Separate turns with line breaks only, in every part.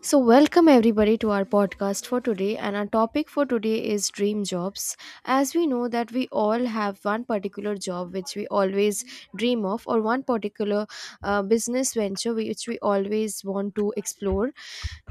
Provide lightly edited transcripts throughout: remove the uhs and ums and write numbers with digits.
So, welcome everybody to our podcast for today. And our topic for today is dream jobs. As we know that we all have one particular job which we always dream of, or one particular business venture which we always want to explore.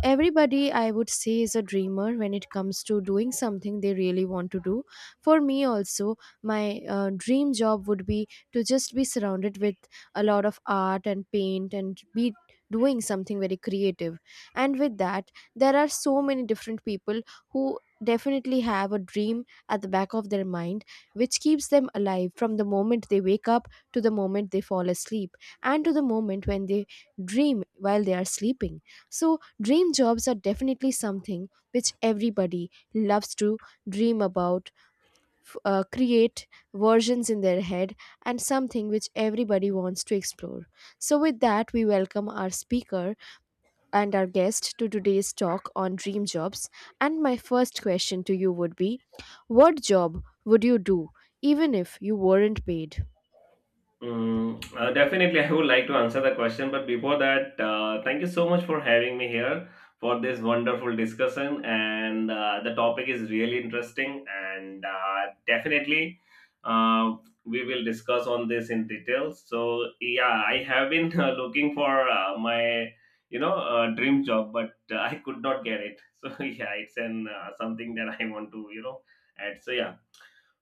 Everybody, I would say, is a dreamer when it comes to doing something they really want to do. For me, also, my dream job would be to just be surrounded with a lot of art and paint and be doing something very creative, and with that there are so many different people who definitely have a dream at the back of their mind, which keeps them alive from the moment they wake up to the moment they fall asleep and to the moment when they dream while they are sleeping. So dream jobs are definitely something which everybody loves to dream about, create versions in their head, and something which everybody wants to explore. So with that, we welcome our speaker and our guest to today's talk on dream jobs. And my first question to you would be, what job would you do even if you weren't paid?
Definitely, I would like to answer the question, but before that, thank you so much for having me here for this wonderful discussion. And the topic is really interesting, and definitely, uh, we will discuss on this in detail. So, yeah, I have been looking for my dream job, but I could not get it. So, yeah, it's an something that I want to, add. So, yeah.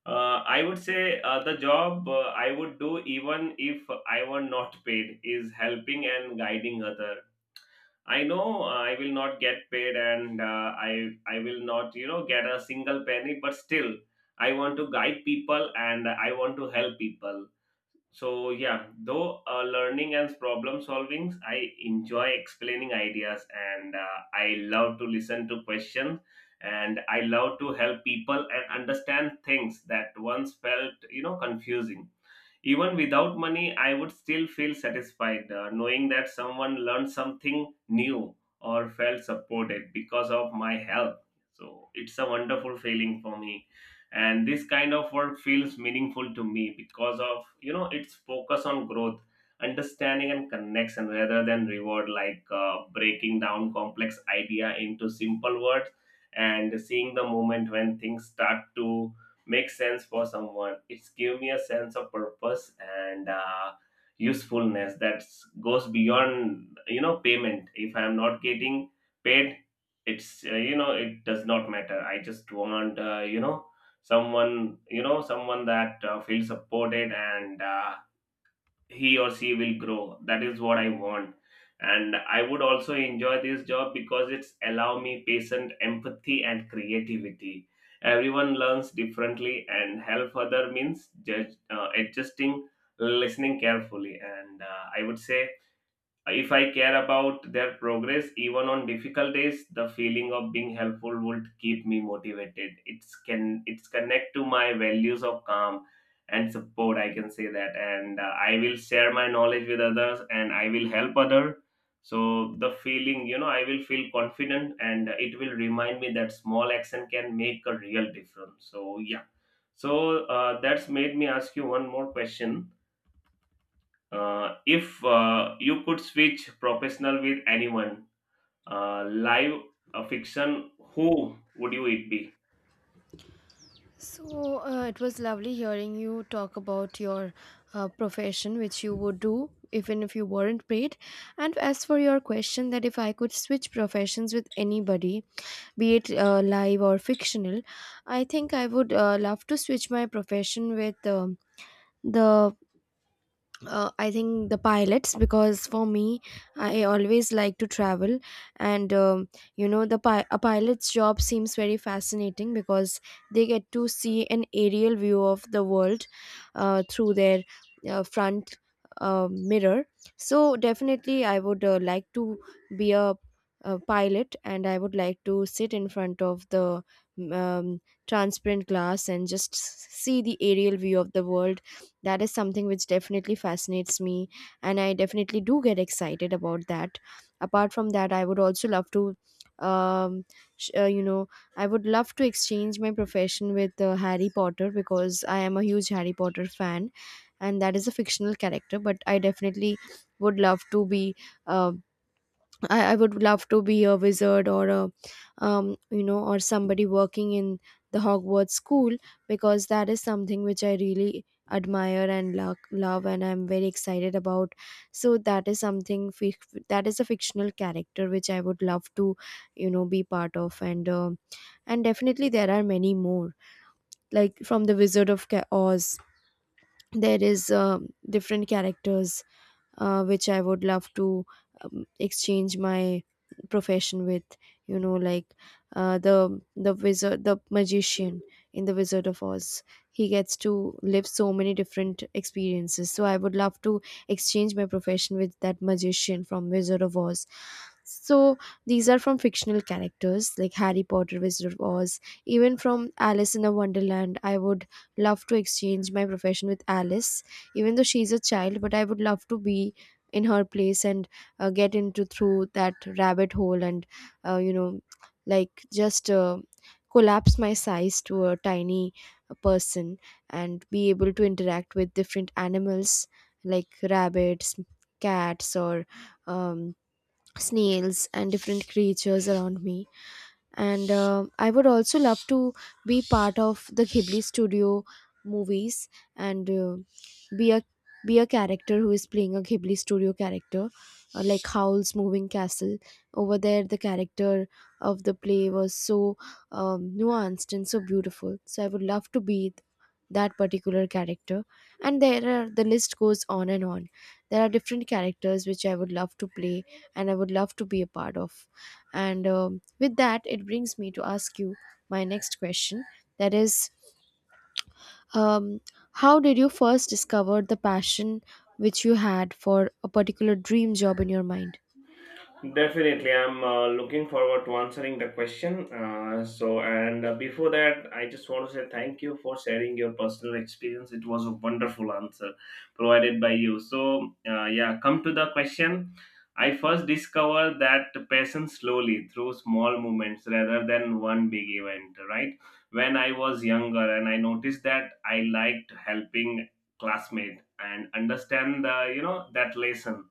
I would say the job I would do even if I were not paid is helping and guiding other. I know, I will not get paid, and I will not, get a single penny, but still I want to guide people and I want to help people. So yeah, though learning and problem solvings, I enjoy explaining ideas, and I love to listen to questions and I love to help people and understand things that once felt, confusing. Even without money, I would still feel satisfied, knowing that someone learned something new or felt supported because of my help. So it's a wonderful feeling for me. And this kind of work feels meaningful to me because of, you know, its focus on growth, understanding, and connection rather than reward, like breaking down complex idea into simple words and seeing the moment when things start to make sense for someone. It's give me a sense of purpose and usefulness that goes beyond, payment. If I'm not getting paid, it's you know, it does not matter. I just want, you know, someone that feels supported and he or she will grow. That is what I want. And I would also enjoy this job because it's allow me patient, empathy, and creativity. Everyone learns differently, and help other means adjusting, listening carefully, and I would say if I care about their progress, even on difficult days, the feeling of being helpful would keep me motivated. It's connect to my values of calm and support. I can say that, and I will share my knowledge with others, and I will help other. So the feeling, you know, I will feel confident, and it will remind me that small action can make a real difference. So yeah, so that's made me ask you one more question. If you could switch professional with anyone, live, fiction, who would you it be?
So it was lovely hearing you talk about your profession, which you would do even if you weren't paid. And as for your question, that if I could switch professions with anybody, be it live or fictional, I think I would love to switch my profession with. The I think the pilots, because for me, I always like to travel, and you know, a pilot's job seems very fascinating because they get to see an aerial view of the world through their front mirror. So definitely I would like to be a pilot, and I would like to sit in front of the um, transparent glass and just see the aerial view of the world. That is something which definitely fascinates me, and I definitely do get excited about that. Apart from that, I would also love to um you know, I would love to exchange my profession with Harry Potter, because I am a huge Harry Potter fan, and that is a fictional character, but I definitely would love to be uh, I would love to be a wizard, or a you know, or somebody working in the Hogwarts school, because that is something which I really admire and love and I'm very excited about. So that is something that is a fictional character which I would love to, you know, be part of. And and definitely there are many more, like from the Oz. There is different characters which I would love to exchange my profession with. You know, like the wizard, the magician in the Wizard of Oz. He gets to live so many different experiences. So I would love to exchange my profession with that magician from Wizard of Oz. So these are from fictional characters like Harry Potter, Wizard of Oz, even from Alice in the Wonderland. I would love to exchange my profession with Alice. Even though she's a child, but I would love to be in her place and get into through that rabbit hole and you know, like just collapse my size to a tiny person and be able to interact with different animals like rabbits, cats, or um, snails and different creatures around me. And I would also love to be part of the Ghibli Studio movies and be a be a character who is playing a Ghibli Studio character, like Howl's Moving Castle. Over there, the character of the play was so nuanced and so beautiful, so I would love to be that particular character. And there are the list goes on and on. There are different characters which I would love to play and I would love to be a part of. And with that, it brings me to ask you my next question. That is, um, how did you first discover the passion which you had for a particular dream job in your mind?
Definitely, I'm looking forward to answering the question. So, and before that, I just want to say thank you for sharing your personal experience. It was a wonderful answer provided by you. So, yeah, come to the question. I first discovered that passion slowly through small movements rather than one big event, right? When I was younger, and I noticed that I liked helping classmate and understand the, you know, that lesson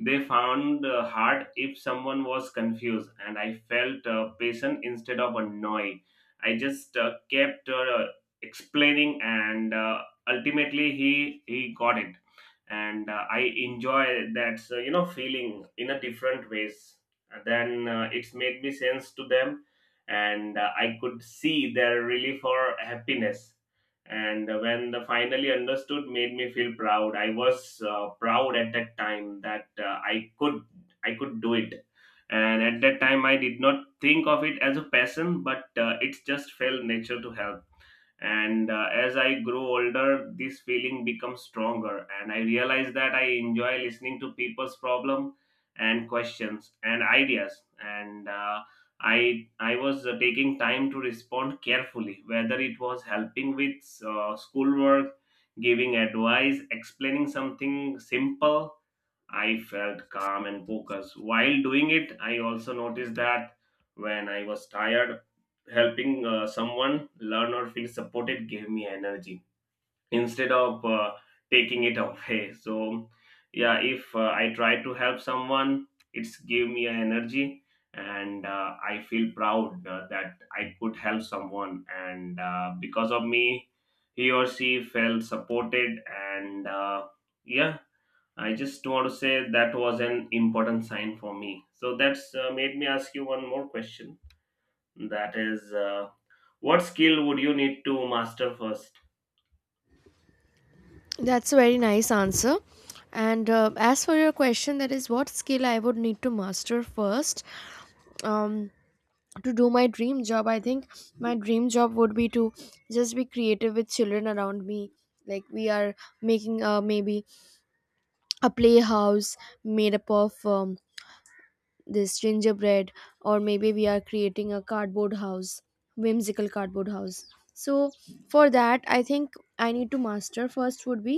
they found hard. If someone was confused, and I felt patient instead of annoyed, I just kept explaining, and ultimately he got it, and I enjoy that, you know, feeling in a different ways. Then it's made me sense to them, and I could see their relief or happiness, and when the finally understood made me feel proud. I was proud at that time that I could do it. And at that time I did not think of it as a passion, but it's just felt nature to help. And as I grow older, this feeling becomes stronger, and I realize that I enjoy listening to people's problem and questions and ideas, and I was taking time to respond carefully, whether it was helping with schoolwork, giving advice, explaining something simple. I felt calm and focused. While doing it, I also noticed that when I was tired, helping someone learn or feel supported gave me energy instead of taking it away. So, yeah, if I try to help someone, it's give me an energy, and I feel proud that I could help someone, and because of me, he or she felt supported and. Yeah I just want to say that was an important sign for me. So that's made me ask you one more question. That is, what skill would you need to master first?
That's a very nice answer. And as for your question, that is what skill I would need to master first um, to do my dream job. I think my dream job would be to just be creative with children around me. Like we are making maybe a playhouse made up of this gingerbread, or maybe we are creating a cardboard house, whimsical cardboard house. So for that, I think I need to master first would be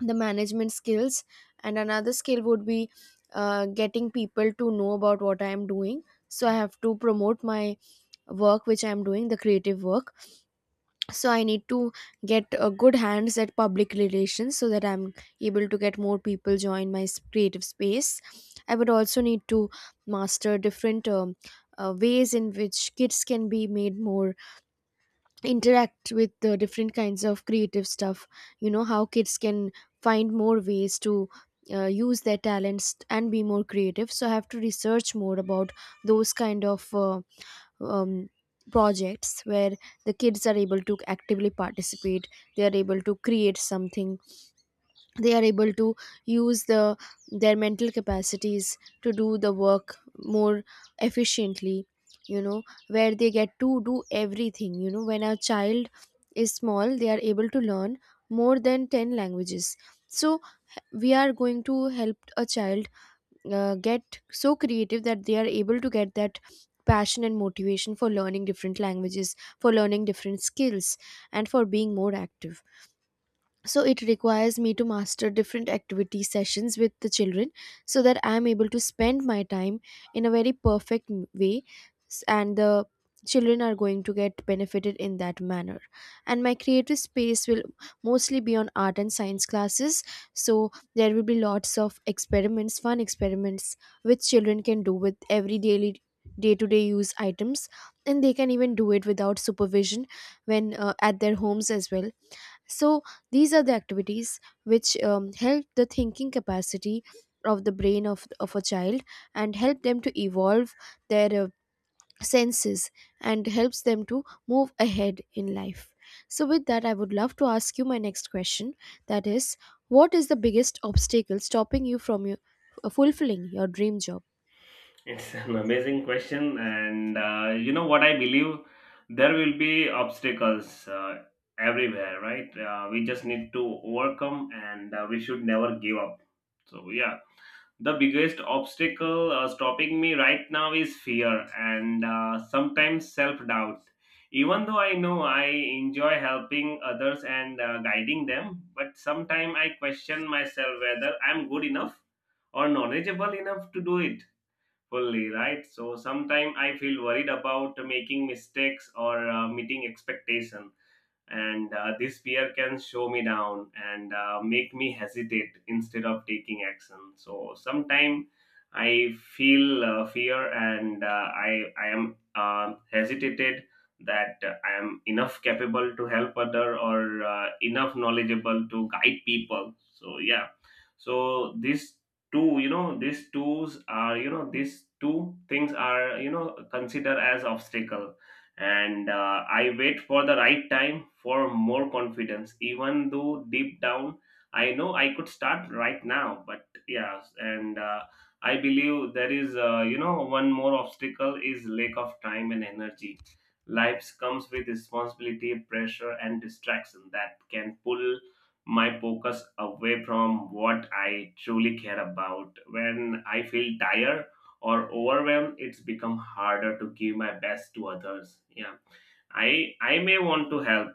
the management skills. And another skill would be getting people to know about what I am doing, so I have to promote my work which I am doing, the creative work. So I need to get a good hands at public relations so that I'm able to get more people join my creative space. I would also need to master different ways in which kids can be made more interact with the different kinds of creative stuff. You know, how kids can find more ways to use their talents and be more creative, so I have to research more about those kind of um, projects where the kids are able to actively participate, they are able to create something, they are able to use the their mental capacities to do the work more efficiently. You know, where they get to do everything. You know, when a child is small, they are able to learn more than 10 languages. So we are going to help a child get so creative that they are able to get that passion and motivation for learning different languages, for learning different skills, and for being more active. So it requires me to master different activity sessions with the children so that I am able to spend my time in a very perfect way, and the children are going to get benefited in that manner. And my creative space will mostly be on art and science classes. So there will be lots of experiments, fun experiments, which children can do with every daily day-to-day use items, and they can even do it without supervision when at their homes as well. So these are the activities which help the thinking capacity of the brain of a child, and help them to evolve their senses and helps them to move ahead in life. So with that, I would love to ask you my next question, that is, what is the biggest obstacle stopping you from your, fulfilling your dream job?
It's an amazing question, and you know what, I believe there will be obstacles everywhere, right? We just need to overcome, and we should never give up. So yeah, the biggest obstacle stopping me right now is fear and sometimes self doubt. Even though I know I enjoy helping others and guiding them, but sometimes I question myself whether I'm good enough or knowledgeable enough to do it fully, right? So sometimes I feel worried about making mistakes or meeting expectation, and this fear can show me down and make me hesitate instead of taking action. So sometimes I feel fear, and I am hesitated that I am enough capable to help other or enough knowledgeable to guide people. So yeah, so these two, these tools are, these two things are, considered as obstacle, and I wait for the right time for more confidence. Even though deep down I know I could start right now, but yeah, and I believe there is one more obstacle is lack of time and energy. Life comes with responsibility, pressure, and distraction that can pull my focus away from what I truly care about. When I feel tired or overwhelmed, it's become harder to give my best to others. Yeah, I may want to help,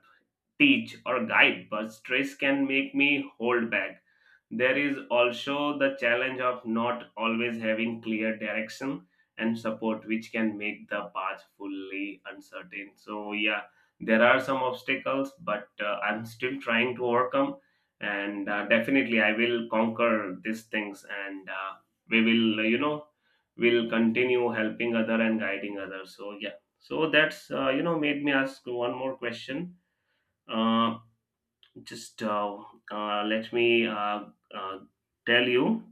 teach, or guide, but stress can make me hold back. There is also the challenge of not always having clear direction and support, which can make the path fully uncertain. So, yeah, there are some obstacles, but I'm still trying to overcome. And definitely, I will conquer these things, and we will, you know, will continue helping other and guiding others. So, yeah. So that's made me ask one more question. Uh, just let me uh, tell you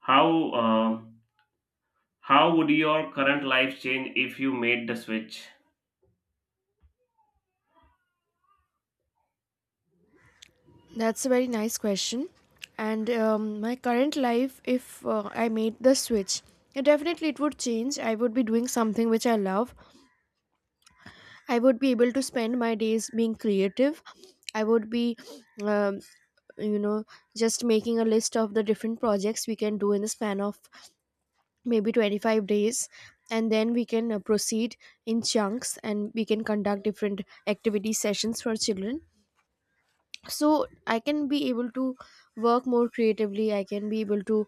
how, uh, how would your current life change if you made the switch?
That's a very nice question. And my current life, if I made the switch, yeah, definitely it would change. I would be doing something which I love. I would be able to spend my days being creative. I would be, um, you know, just making a list of the different projects we can do in the span of maybe 25 days. And then we can proceed in chunks, and we can conduct different activity sessions for children. So I can be able to work more creatively. I can be able to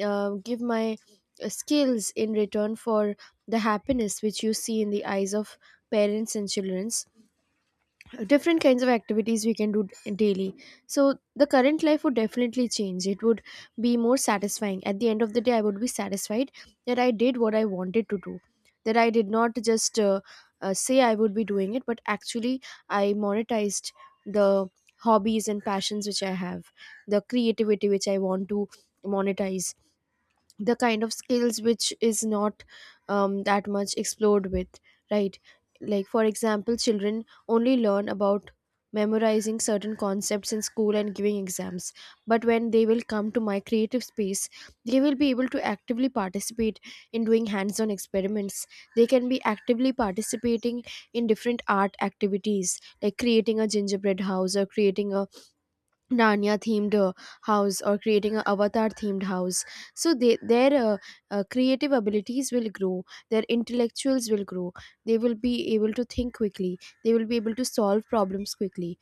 give my skills in return for the happiness which you see in the eyes of parents and children, different kinds of activities we can do daily. So the current life would definitely change. It would be more satisfying. At the end of the day, I would be satisfied that I did what I wanted to do, that I did not just say I would be doing it, but actually I monetized the hobbies and passions which I have, the creativity which I want to monetize, the kind of skills which is not that much explored with, right? Like for example, children only learn about memorizing certain concepts in school and giving exams, but when they will come to my creative space, they will be able to actively participate in doing hands-on experiments. They can be actively participating in different art activities like creating a gingerbread house, or creating a Narnia themed house, or creating an avatar themed house. So they, their creative abilities will grow, their intellectuals will grow, they will be able to think quickly, they will be able to solve problems quickly.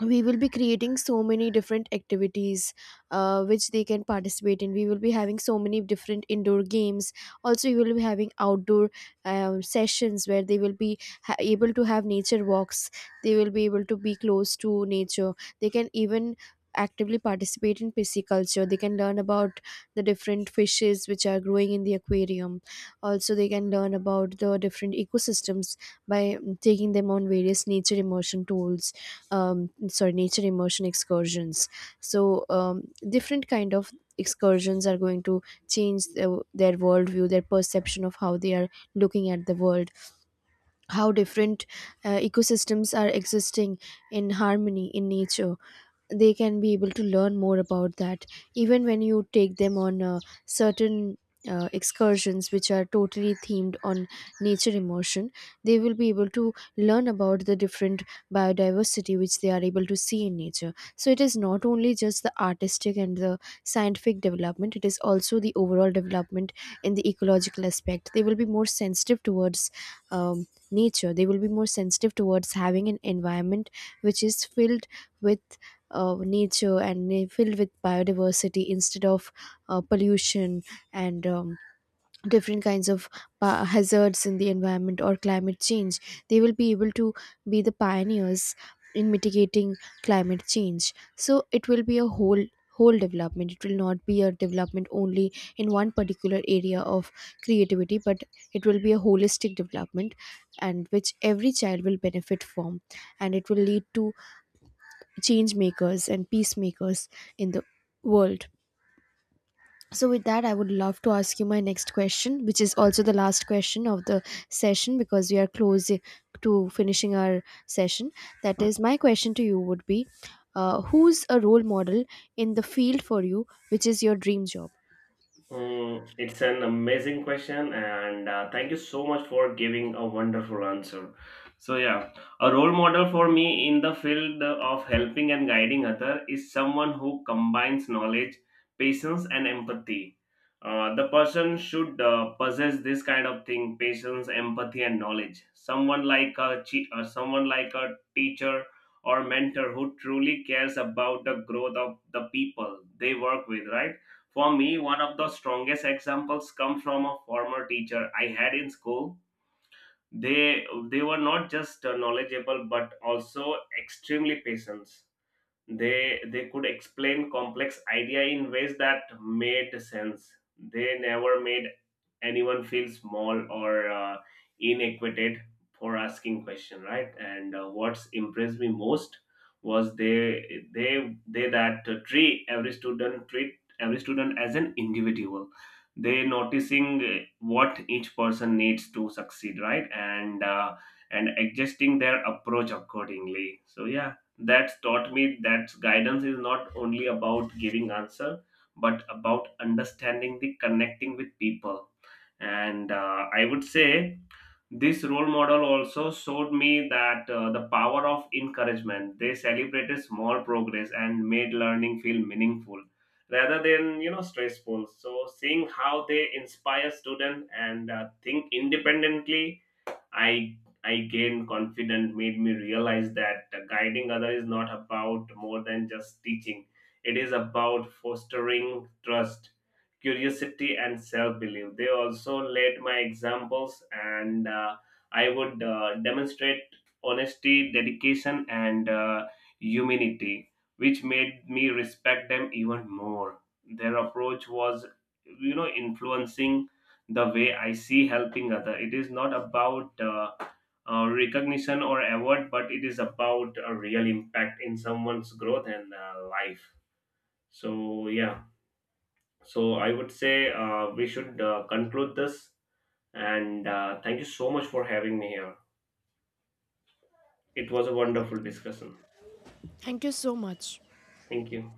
We will be creating so many different activities which they can participate in. We will be having so many different indoor games. Also, we will be having outdoor sessions where they will be able to have nature walks. They will be able to be close to nature. They can even actively participate in pisciculture. They can learn about the different fishes which are growing in the aquarium. Also, they can learn about the different ecosystems by taking them on various nature immersion tours, sorry, nature immersion excursions. So different kind of excursions are going to change their worldview, their perception of how they are looking at the world, how different ecosystems are existing in harmony in nature. They can be able to learn more about that. Even when you take them on certain excursions which are totally themed on nature immersion, they will be able to learn about the different biodiversity which they are able to see in nature. So it is not only just the artistic and the scientific development, it is also the overall development in the ecological aspect. They will be more sensitive towards nature. They will be more sensitive towards having an environment which is filled with nature, and they filled with biodiversity instead of pollution and different kinds of hazards in the environment or climate change. They will be able to be the pioneers in mitigating climate change. So it will be a whole development. It will not be a development only in one particular area of creativity, but it will be a holistic development, and which every child will benefit from. And it will lead to change makers and peacemakers in the world. So, with that, I would love to ask you my next question, which is also the last question of the session, because we are close to finishing our session. That is, my question to you would be, who's a role model in the field for you, which is your dream job?
It's an amazing question, and thank you so much for giving a wonderful answer. So yeah, a role model for me in the field of helping and guiding other is someone who combines knowledge, patience, and empathy. The person should possess this kind of thing: patience, empathy, and knowledge. Someone like a someone like a teacher or mentor who truly cares about the growth of the people they work with, right? For me, one of the strongest examples come from a former teacher I had in school. They they were not just knowledgeable but also extremely patient. They could explain complex idea in ways that made sense. They never made anyone feel small or inequited for asking question, right? And what's impressed me most was they that treat every student, treat every student as an individual, they noticing what each person needs to succeed, right? And and adjusting their approach accordingly. So yeah, that's taught me that guidance is not only about giving answer but about understanding the connecting with people. And I would say this role model also showed me that the power of encouragement. They celebrated small progress and made learning feel meaningful rather than, stressful. So seeing how they inspire students and think independently, I I gained confidence, made me realize that guiding others is not about more than just teaching. It is about fostering trust, curiosity, and self belief. They also led my examples, and I would demonstrate honesty, dedication, and humanity, which made me respect them even more. Their approach was, you know, influencing the way I see helping other. It is not about recognition or award, but it is about a real impact in someone's growth and life. So yeah, so I would say we should conclude this. And thank you so much for having me here. It was a wonderful discussion.
Thank you so much.
Thank you.